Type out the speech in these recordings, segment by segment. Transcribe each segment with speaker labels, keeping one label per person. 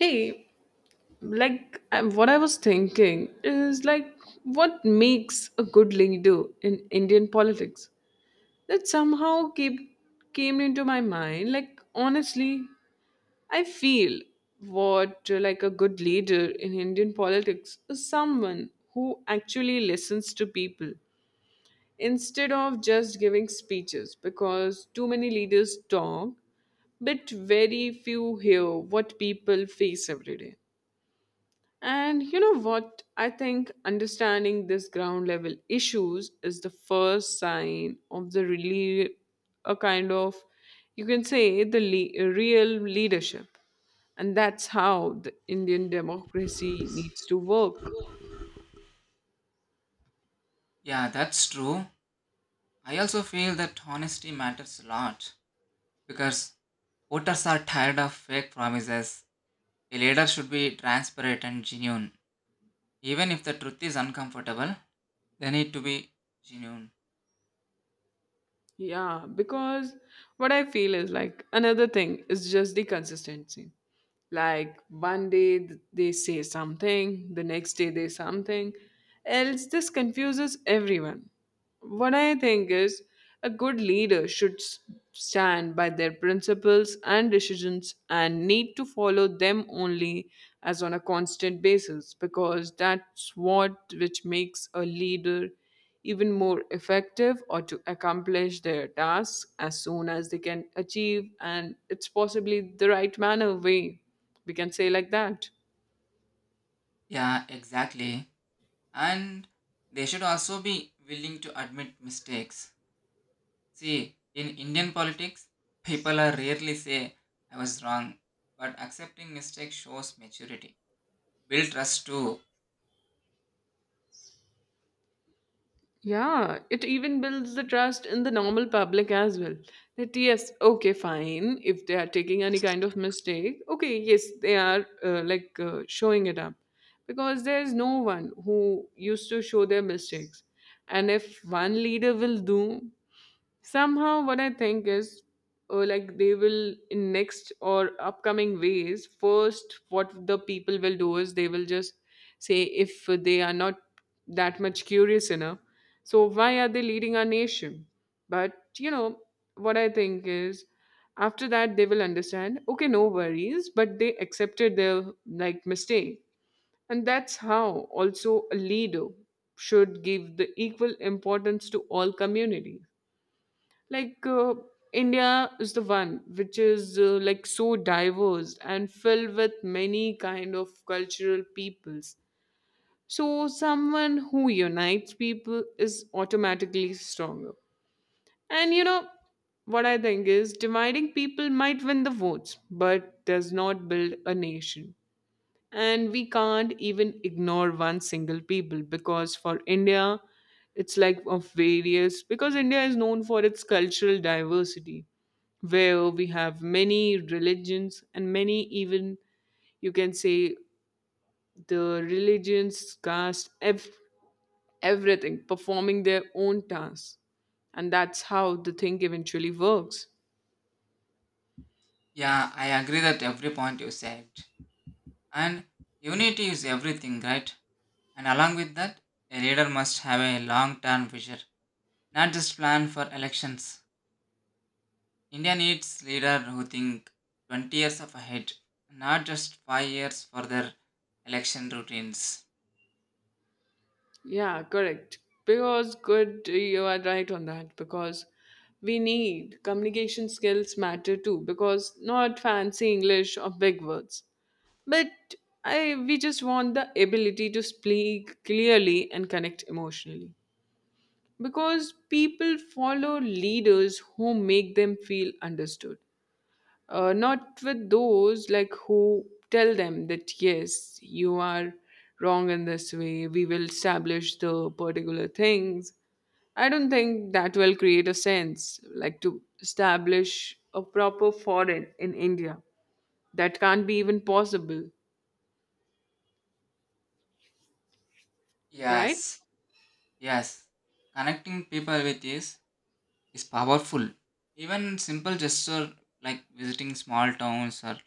Speaker 1: Hey, like what I was thinking is like, what makes a good leader in Indian politics? That somehow came into my mind. Like honestly, I feel what like a good leader in Indian politics is someone who actually listens to people instead of just giving speeches, because too many leaders talk but very few hear what people face every day. And you know what? I think understanding this ground level issues is the first sign of the really a kind of, you can say, the real leadership. And that's how the Indian democracy needs to work.
Speaker 2: Yeah, that's true. I also feel that honesty matters a lot because voters are tired of fake promises. A leader should be transparent and genuine. Even if the truth is uncomfortable, they need to be genuine.
Speaker 1: Yeah, because what I feel is like, another thing is just the consistency. Like one day they say something, the next day they something else. This confuses everyone. What I think is a good leader should stand by their principles and decisions and need to follow them only as on a constant basis, because that's what which makes a leader even more effective or to accomplish their tasks as soon as they can achieve, and it's possibly the right manner way, we can say like that.
Speaker 2: Yeah, exactly. And they should also be willing to admit mistakes. See, in Indian politics, people are rarely say, I was wrong, but accepting mistakes shows maturity. Build trust too.
Speaker 1: Yeah, it even builds the trust in the normal public as well, that yes, okay fine, if they are taking any kind of mistake, okay, yes they are like showing it up, because there's no one who used to show their mistakes. And if one leader will do, somehow, what I think is, like, they will in next or upcoming ways, first what the people will do is they will just say if they are not that much curious enough, so why are they leading our nation? But you know what I think is, after that they will understand, okay, no worries, but they accepted their like mistake. And that's how also a leader should give the equal importance to all communities. Like, India is the one which is, like, so diverse and filled with many kind of cultural peoples. So someone who unites people is automatically stronger. And you know what I think is, dividing people might win the votes but does not build a nation. And we can't even ignore one single people, because for India, it's like of various, because India is known for its cultural diversity, where we have many religions and many, even you can say, the religions, caste, everything performing their own tasks. And that's how the thing eventually works.
Speaker 2: Yeah, I agree that every point you said. And unity is everything, right? And along with that, a leader must have a long term vision, not just plan for elections. India needs leaders who think 20 years of ahead, not just 5 years for their election routines.
Speaker 1: Yeah, correct, because, good, you are right on that, because we need communication skills matter too, because not fancy English or big words, but I we just want the ability to speak clearly and connect emotionally, because people follow leaders who make them feel understood. Not with those like who tell them that yes, you are wrong in this way we will establish the particular things. I don't think that will create a sense like to establish a proper foreign in India, that can't be even possible, right?
Speaker 2: Yes, yes. Connecting people with this is powerful. Even simple gesture like visiting small towns or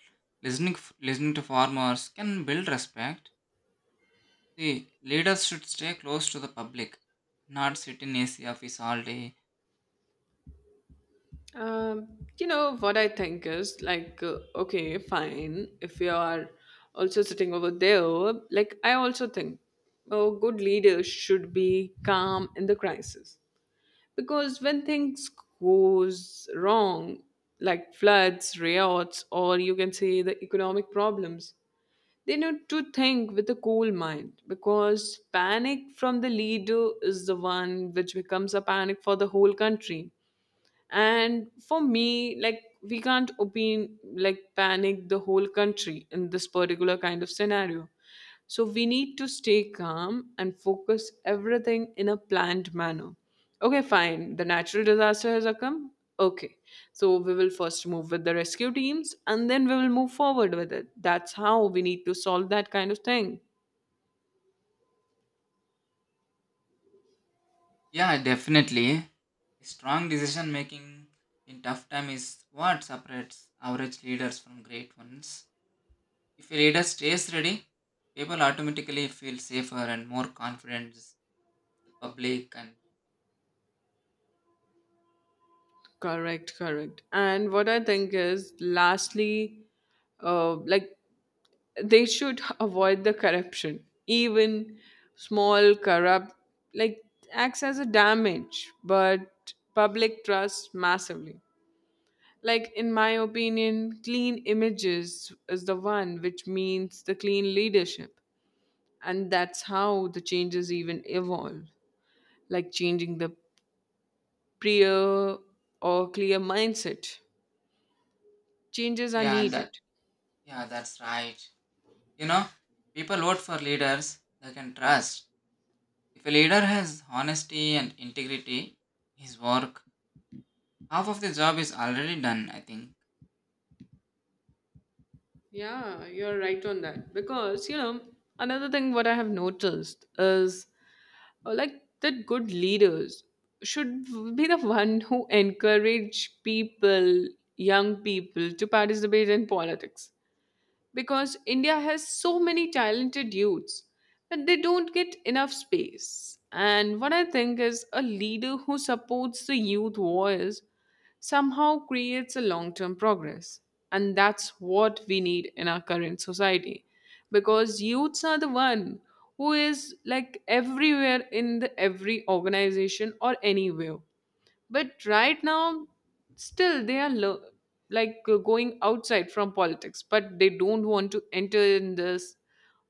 Speaker 2: listening to farmers can build respect. See, leaders should stay close to the public, not sit in AC office all day.
Speaker 1: Um, you know, what I think is like, okay, fine. If you are also sitting over there, like, I also think a good leader should be calm in the crisis. Because when things goes wrong, like floods, riots, or you can say the economic problems, they need to think with a cool mind, because panic from the leader is the one which becomes a panic for the whole country. And for me, like, we can't opine like panic the whole country in this particular kind of scenario. So we need to stay calm and focus everything in a planned manner. Okay fine, the natural disaster has occurred, okay, so we will first move with the rescue teams, and then we will move forward with it. That's how we need to solve that kind of thing.
Speaker 2: Yeah, definitely. Strong decision making in tough time is what separates average leaders from great ones. If a leader stays ready, people automatically feel safer and more confident with the public and
Speaker 1: Correct, correct. And what I think is, lastly, like, they should avoid the corruption. Even small corrupt like acts as a damage but public trust massively. Like, in my opinion, clean images is the one which means the clean leadership. And that's how the changes even evolve, like changing the prior or clear mindset, changes are
Speaker 2: yeah,
Speaker 1: needed.
Speaker 2: that's right. You know, people vote for leaders they can trust. If a leader has honesty and integrity, in his work, half of the job is already done, I think.
Speaker 1: Yeah, you're right on that. Because, you know, another thing what I have noticed is, like, that good leaders should be the one who encourage people, young people, to participate in politics, because India has so many talented youths that they don't get enough space. And what I think is, a leader who supports the youth voice somehow creates a long term progress. And that's what we need in our current society, because youths are the one who is like everywhere in the every organization or anywhere, but right now still they are like, going outside from politics, but they don't want to enter in this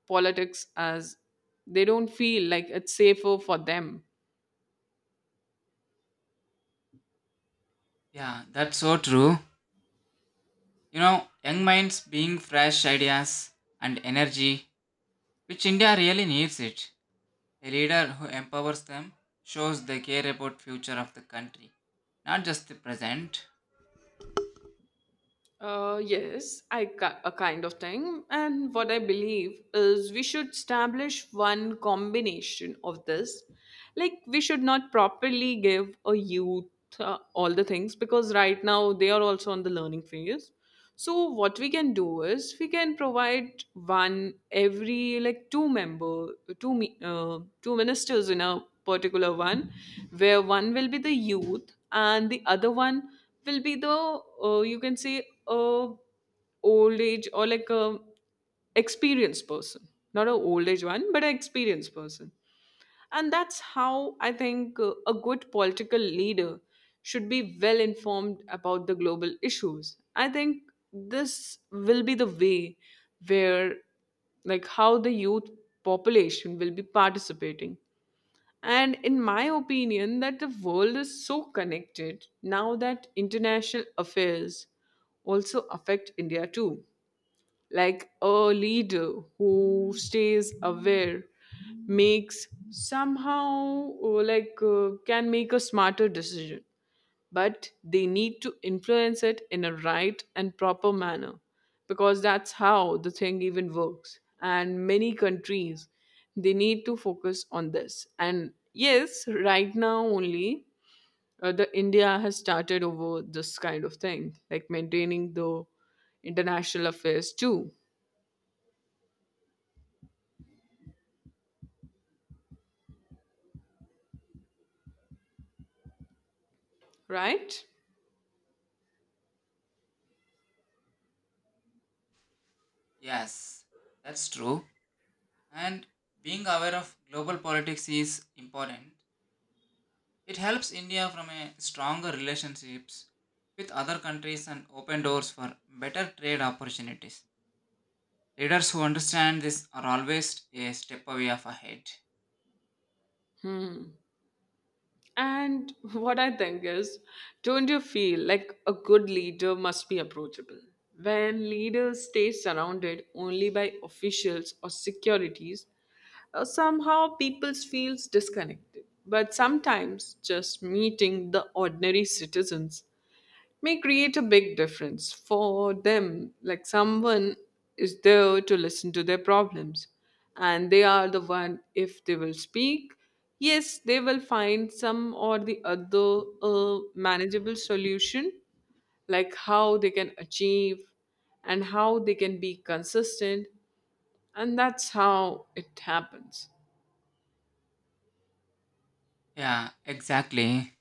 Speaker 1: politics as they don't feel like it's safer for them.
Speaker 2: Yeah, that's so true. You know, young minds being fresh ideas and energy, which India really needs it. A leader who empowers them shows they care about future of the country, not just the present.
Speaker 1: Yes, a kind of thing. And what I believe is, we should establish one combination of this. Like, we should not properly give a youth all the things, because right now they are also on the learning phase. So what we can do is, we can provide one every like two member two ministers in a particular one, where one will be the youth and the other one will be the, you can say, old age or like a experienced person, not a old age one, but an experienced person. And that's how I think a good political leader should be well informed about the global issues. I think this will be the way where, like, how the youth population will be participating. And in my opinion, that the world is so connected now that international affairs also affect India too. Like, a leader who stays aware makes, somehow, like, can make a smarter decision, but they need to influence it in a right and proper manner, because that's how the thing even works. And many countries, they need to focus on this, and yes, right now only the India has started over this kind of thing, like maintaining the international affairs too, right?
Speaker 2: Yes, that's true. And being aware of global politics is important. It helps India from a stronger relationships with other countries and open doors for better trade opportunities. Leaders who understand this are always a step away of ahead.
Speaker 1: Hmm. And what I think is, don't you feel like a good leader must be approachable? When leaders stay surrounded only by officials or securities, somehow people feels disconnected. But sometimes just meeting the ordinary citizens may create a big difference for them. Like, someone is there to listen to their problems, and they are the one, if they will speak, yes, they will find some or the other manageable solution, like how they can achieve and how they can be consistent. And that's how it happens.
Speaker 2: Yeah, exactly.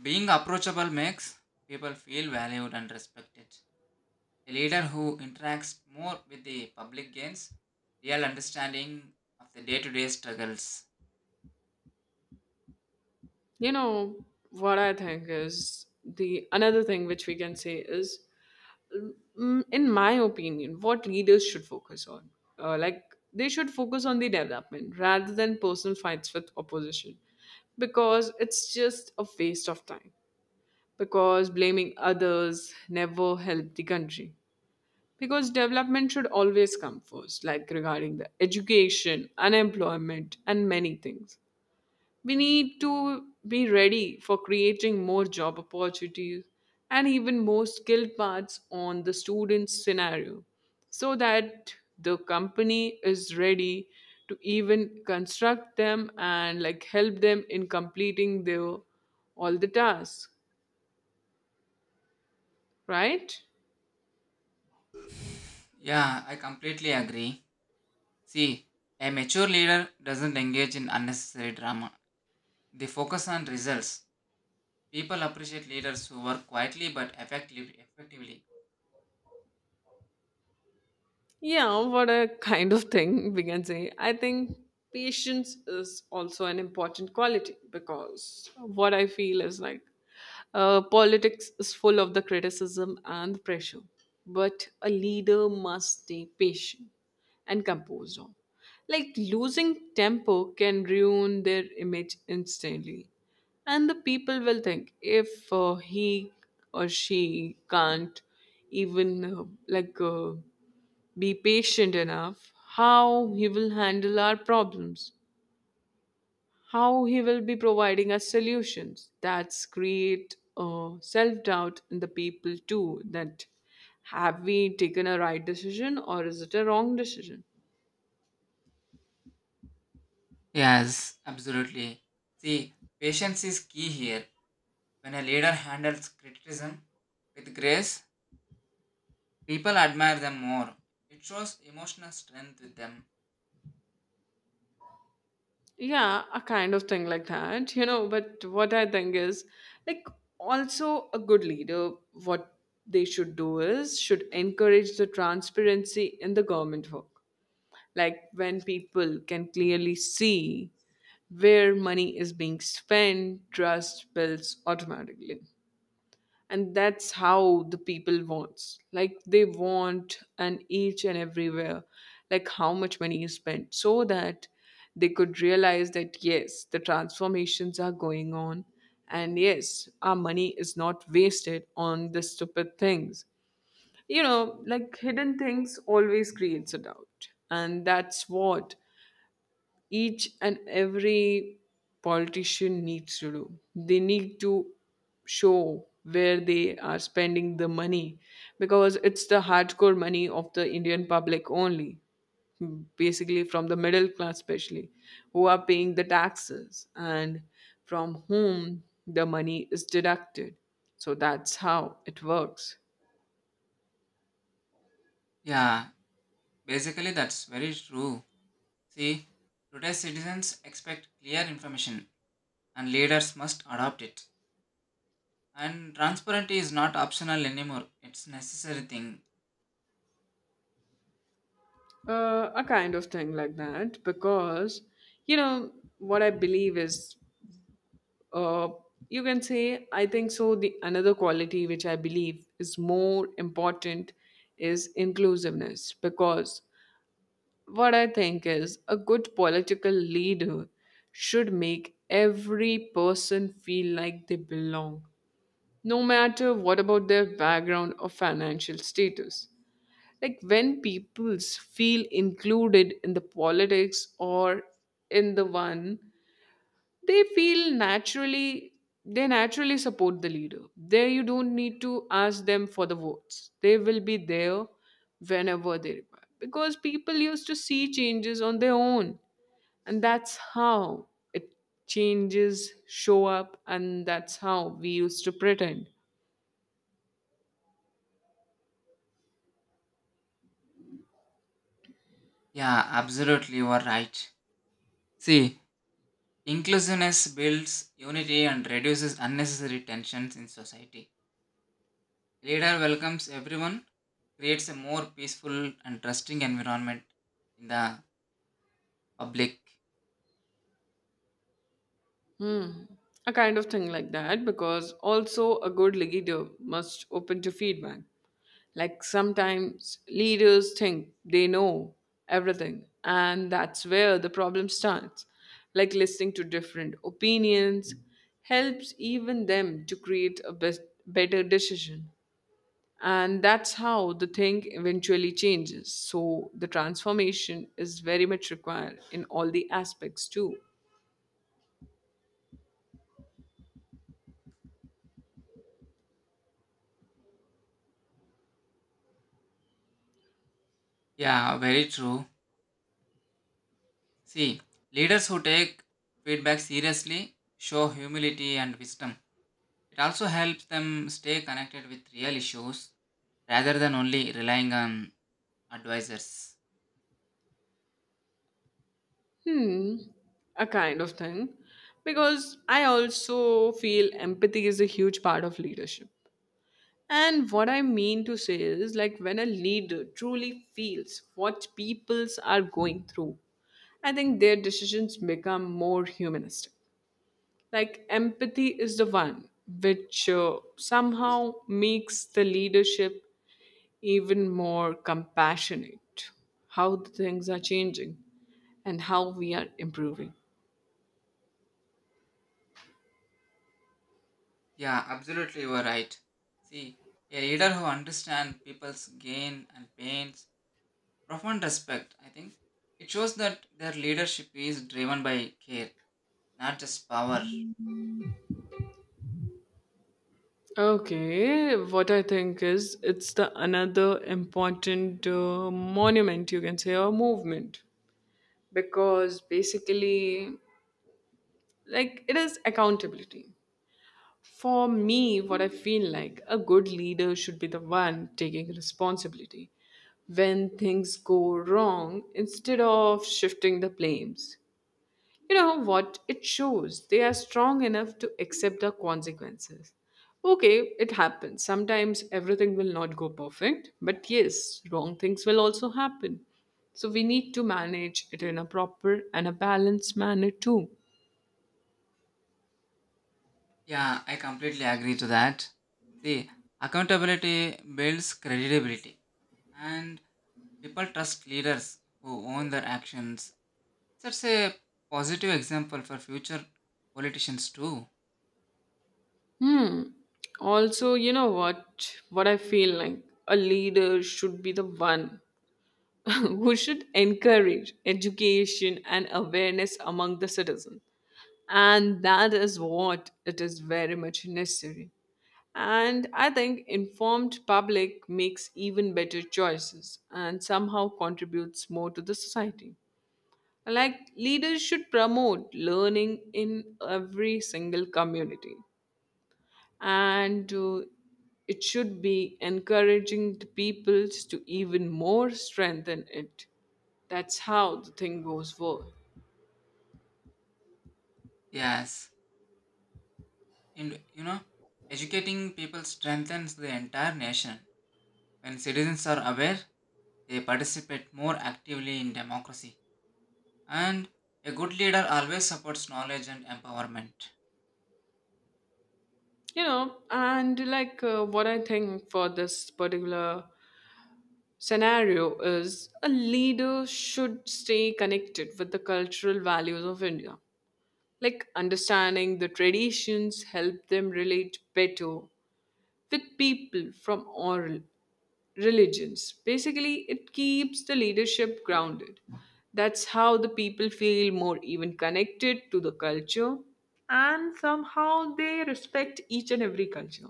Speaker 2: Being approachable makes people feel valued and respected. A leader who interacts more with the public gains real understanding of the day-to-day struggles.
Speaker 1: You know what I think is, the another thing which we can say is, in my opinion, what leaders should focus on. Like, they should focus on the development rather than personal fights with opposition, because it's just a waste of time. Because blaming others never helped the country. Because development should always come first, like regarding the education, unemployment, and many things. We need to be ready for creating more job opportunities and even more skilled parts on the student's scenario, so that the company is ready to even construct them and like help them in completing their all the tasks, right?
Speaker 2: Yeah, I completely agree. See, a mature leader doesn't engage in unnecessary drama. They focus on results. People appreciate leaders who work quietly but effectively.
Speaker 1: Yeah, what a kind of thing we can say. I think patience is also an important quality, because what I feel is like, politics is full of the criticism and the pressure, but a leader must stay patient and composed. On. Like losing temper can ruin their image instantly, and the people will think, if he or she can't even like. Be patient enough, how he will handle our problems, how he will be providing us solutions. That's create self doubt in the people too, that have we taken a right decision or is it a wrong decision?
Speaker 2: Yes, absolutely. See, patience is key here. When a leader handles criticism with grace, people admire them more. It shows emotional strength with them.
Speaker 1: Yeah, a kind of thing like that. But what I think is, like, also a good leader, what they should do is, should encourage the transparency in the government work. Like, when people can clearly see where money is being spent, trust builds automatically. And that's how the people wants, like, they want and each and everywhere, like how much money is spent, so that they could realize that yes, the transformations are going on, and yes, our money is not wasted on the stupid things. You know, like hidden things always creates a doubt, and that's what each and every politician needs to do. They need to show where they are spending the money, because it's the hardcore money of the Indian public only, basically from the middle class, especially, who are paying the taxes and from whom the money is deducted. So that's how it works.
Speaker 2: Yeah, basically, that's very true. See, today citizens expect clear information and leaders must adopt it. And transparency is not optional anymore, it's necessary thing.
Speaker 1: A kind of thing like that because, you know, what I believe is uh, you can say I think so the another quality which I believe is more important is inclusiveness because what I think is a good political leader should make every person feel like they belong no matter what about their background or financial status, like when peoples feel included in the politics or in the one they feel naturally, they naturally support the leader there. You don't need to ask them for the votes, they will be there whenever they require because people used to see changes on their own, and that's how it changes show up, and that's how we used to pretend.
Speaker 2: Yeah, absolutely, you are right. See, inclusiveness builds unity and reduces unnecessary tensions in society. Leader welcomes everyone, creates a more peaceful and trusting environment in the public.
Speaker 1: Hmm. A kind of thing like that because also a good leader must open to feedback. Like sometimes leaders think they know everything, and that's where the problem starts. Like listening to different opinions helps even them to create a better decision. And that's how the thing eventually changes. So the transformation is very much required in all the aspects too.
Speaker 2: Yeah, very true. See, leaders who take feedback seriously show humility and wisdom. It also helps them stay connected with real issues rather than only relying on advisors.
Speaker 1: Hmm, a kind of thing. Because I also feel empathy is a huge part of leadership. And what I mean to say is like when a leader truly feels what peoples are going through, I think their decisions become more humanistic. Like empathy is the one which somehow makes the leadership even more compassionate, how the things are changing and how we are improving.
Speaker 2: Yeah, absolutely, you are right. See, a leader who understands people's gain and pains, profound respect, I think. It shows that their leadership is driven by care, not just power.
Speaker 1: Okay, what I think is it's the another important monument you can say or movement, because basically like it is accountability. For me, what I feel like a good leader should be the one taking responsibility when things go wrong instead of shifting the blames, you know what? It shows they are strong enough to accept the consequences. Okay, it happens. Sometimes everything will not go perfect, but yes, wrong things will also happen. So we need to manage it in a proper and a balanced manner too.
Speaker 2: Yeah, I completely agree to that. See, accountability builds credibility, and people trust leaders who own their actions. That's a positive example for future politicians, too.
Speaker 1: Hmm. Also, you know what? What I feel like a leader should be the one who should encourage education and awareness among the citizens. And that is what it is very much necessary. And I think informed public makes even better choices and somehow contributes more to the society. Like leaders should promote learning in every single community. And it should be encouraging the peoples to even more strengthen it. That's how the thing goes forward.
Speaker 2: Yes. And you know, educating people strengthens the entire nation. When citizens are aware, they participate more actively in democracy. And a good leader always supports knowledge and empowerment.
Speaker 1: You know, and like, what I think for this particular scenario is a leader should stay connected with the cultural values of India. Like understanding the traditions help them relate better with people from all religions. Basically, it keeps the leadership grounded. That's how the people feel more even connected to the culture, and somehow they respect each and every culture.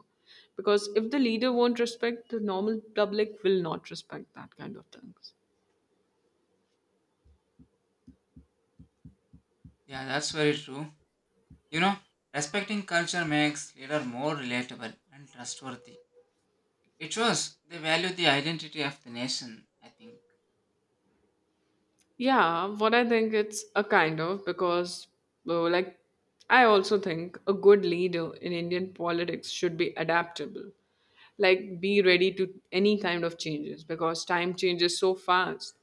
Speaker 1: Because if the leader won't respect, the normal public will not respect that kind of things.
Speaker 2: Yeah, that's very true. You know, respecting culture makes leader more relatable and trustworthy. It shows they value the identity of the nation, I think.
Speaker 1: Yeah, what I think it's a kind of because, like, I also think a good leader in Indian politics should be adaptable. Like, be ready to any kind of changes because time changes so fast,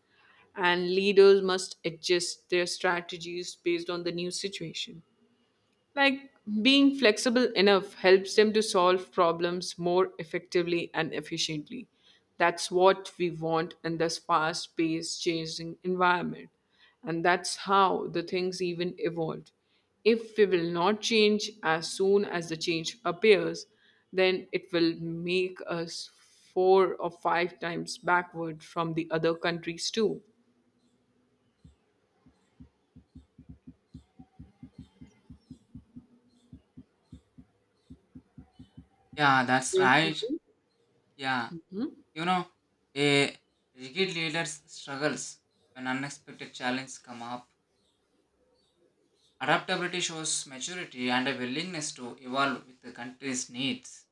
Speaker 1: and leaders must adjust their strategies based on the new situation. Like being flexible enough helps them to solve problems more effectively and efficiently. That's what we want in this fast paced, changing environment. And that's how the things even evolved. If we will not change as soon as the change appears, then it will make us four or five times backward from the other countries too.
Speaker 2: Yeah, that's
Speaker 1: Don't you
Speaker 2: right.
Speaker 1: think?
Speaker 2: Yeah. You know, a rigid leader struggles when unexpected challenges come up. Adaptability shows maturity and a willingness to evolve with the country's needs.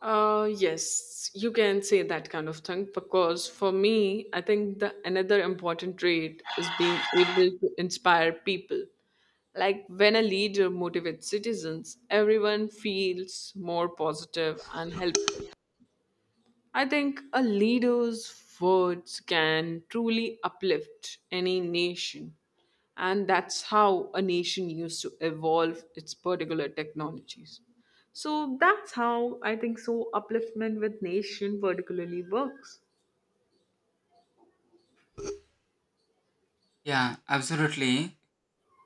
Speaker 1: Yes, you can say that kind of thing because for me, I think the another important trait is being able to inspire people. Like when a leader motivates citizens, everyone feels more positive and helpful. I think a leader's words can truly uplift any nation, and that's how a nation used to evolve its particular technologies. So that's how I think so upliftment with nation particularly works.
Speaker 2: Yeah, absolutely.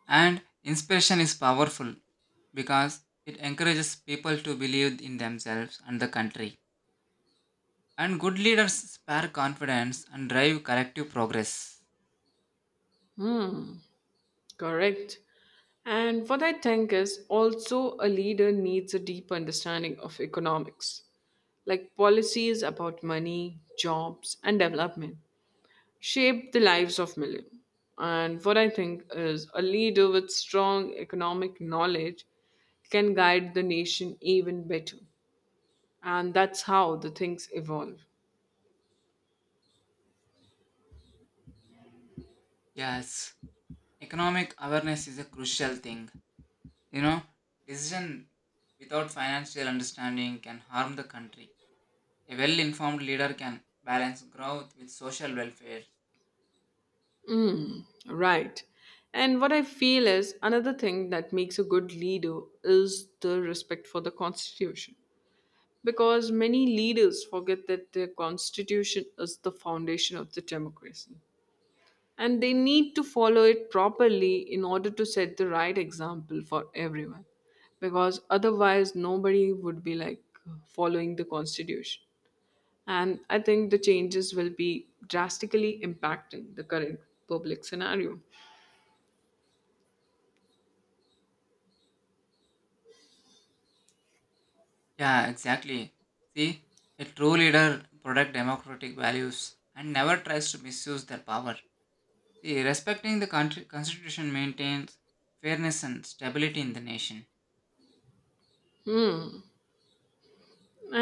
Speaker 2: And inspiration is powerful because it encourages people to believe in themselves and the country. And good leaders spare confidence and drive collective progress.
Speaker 1: Hmm, correct. And what I think is also a leader needs a deep understanding of economics, like policies about money, jobs, and development shaped the lives of millions. And what I think is a leader with strong economic knowledge can guide the nation even better. And that's how the things evolve.
Speaker 2: Yes, economic awareness is a crucial thing. You know, decision without financial understanding can harm the country. A well informed leader can balance growth with social welfare.
Speaker 1: Right. And what I feel is another thing that makes a good leader is the respect for the constitution. Because many leaders forget that the constitution is the foundation of the democracy, and they need to follow it properly in order to set the right example for everyone, because otherwise nobody would be like following the constitution, and I think the changes will be drastically impacting the current public scenario.
Speaker 2: Yeah, exactly. See, a true leader protects democratic values and never tries to misuse their power. See, respecting the country constitution maintains fairness and stability in the nation.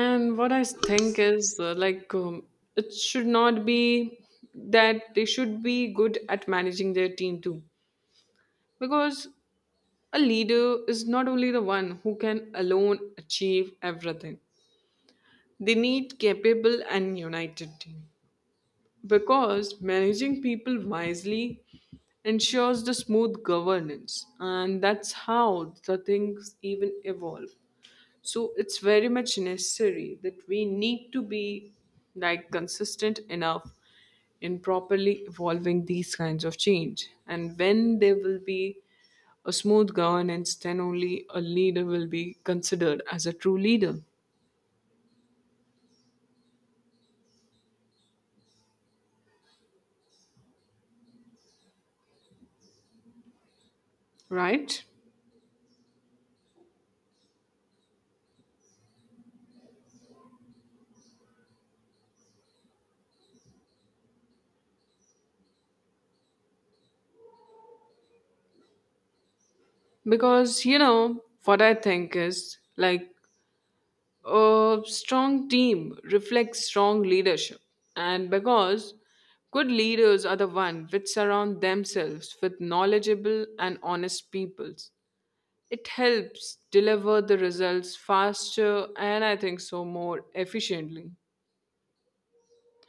Speaker 1: And what I think is it should not be that they should be good at managing their team too, because a leader is not only the one who can alone achieve everything. They need capable and united team because managing people wisely ensures the smooth governance, and that's how the things even evolve. So it's very much necessary that we need to be like consistent enough in properly evolving these kinds of change. And when there will be a smooth governance, then only a leader will be considered as a true leader, right? Because, you know, what I think is like a strong team reflects strong leadership. And because good leaders are the one which surround themselves with knowledgeable and honest peoples, it helps deliver the results faster and I think so more efficiently.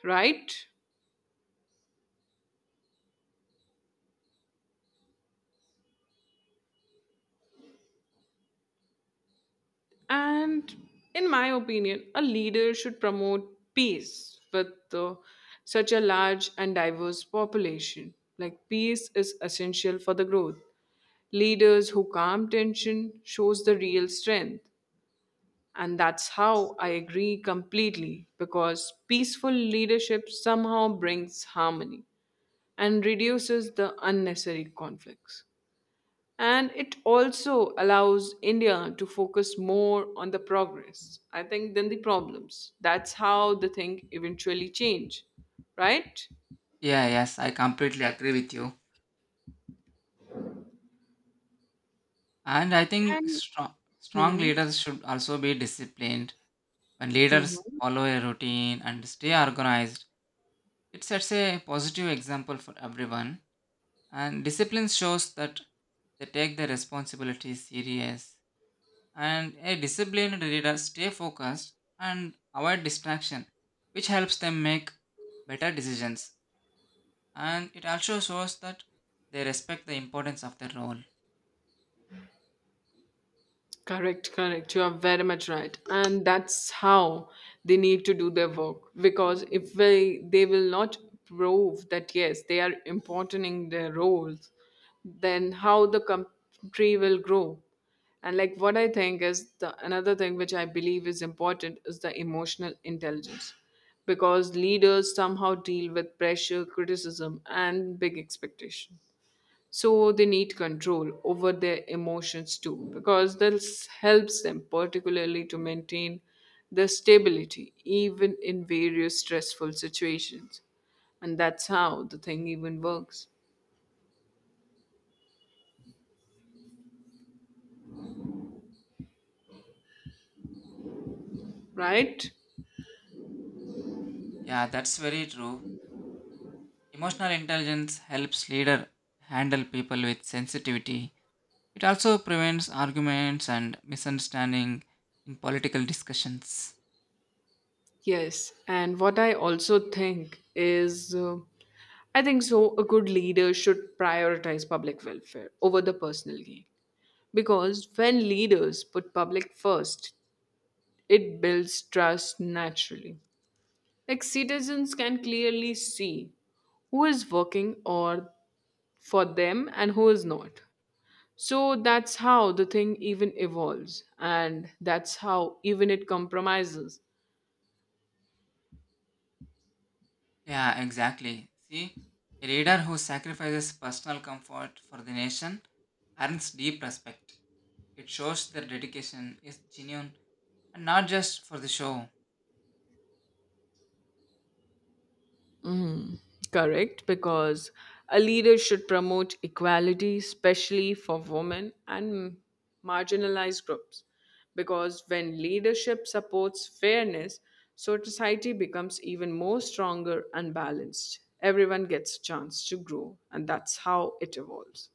Speaker 1: Right? And in my opinion, a leader should promote peace with such a large and diverse population. Like peace is essential for the growth. Leaders who calm tension shows the real strength. And that's how I agree completely because peaceful leadership somehow brings harmony and reduces the unnecessary conflicts, and it also allows India to focus more on the progress I think than the problems. That's how the thing eventually change, right?
Speaker 2: Yeah, yes, I completely agree with you. And I think
Speaker 1: And
Speaker 2: strong
Speaker 1: hmm
Speaker 2: leaders should also be disciplined. When leaders
Speaker 1: mhm.
Speaker 2: follow a routine and stay organized, it sets a positive example for everyone. And discipline shows that they take their responsibilities serious and a disciplined reader stay focused and avoid distraction, which helps them make better decisions, and it also shows that they respect the importance of their role.
Speaker 1: Correct, correct. You are very much right. And that's how they need to do their work, because if they will not prove that yes, they are important in their roles, then how the country will grow. And like what I think is the another thing which I believe is important is the emotional intelligence, because leaders somehow deal with pressure, criticism, and big expectation, so they need control over their emotions too, because this helps them particularly to maintain their stability even in various stressful situations, and that's how the thing even works, right?
Speaker 2: Yeah, that's very true. Emotional intelligence helps leader handle people with sensitivity. It also prevents arguments and misunderstanding in political discussions.
Speaker 1: Yes, and what I also think is, I think so a good leader should prioritize public welfare over the personal gain, because when leaders put public first, it builds trust naturally. Like citizens can clearly see who is working or for them and who is not. So that's how the thing even evolves, and that's how even it compromises.
Speaker 2: Yeah, exactly. See, a leader who sacrifices personal comfort for the nation earns deep respect. It shows their dedication is genuine and not just for the show.
Speaker 1: Correct, because a leader should promote equality, especially for women and marginalized groups. Because when leadership supports fairness, so society becomes even more stronger and balanced. Everyone gets a chance to grow, and that's how it evolves.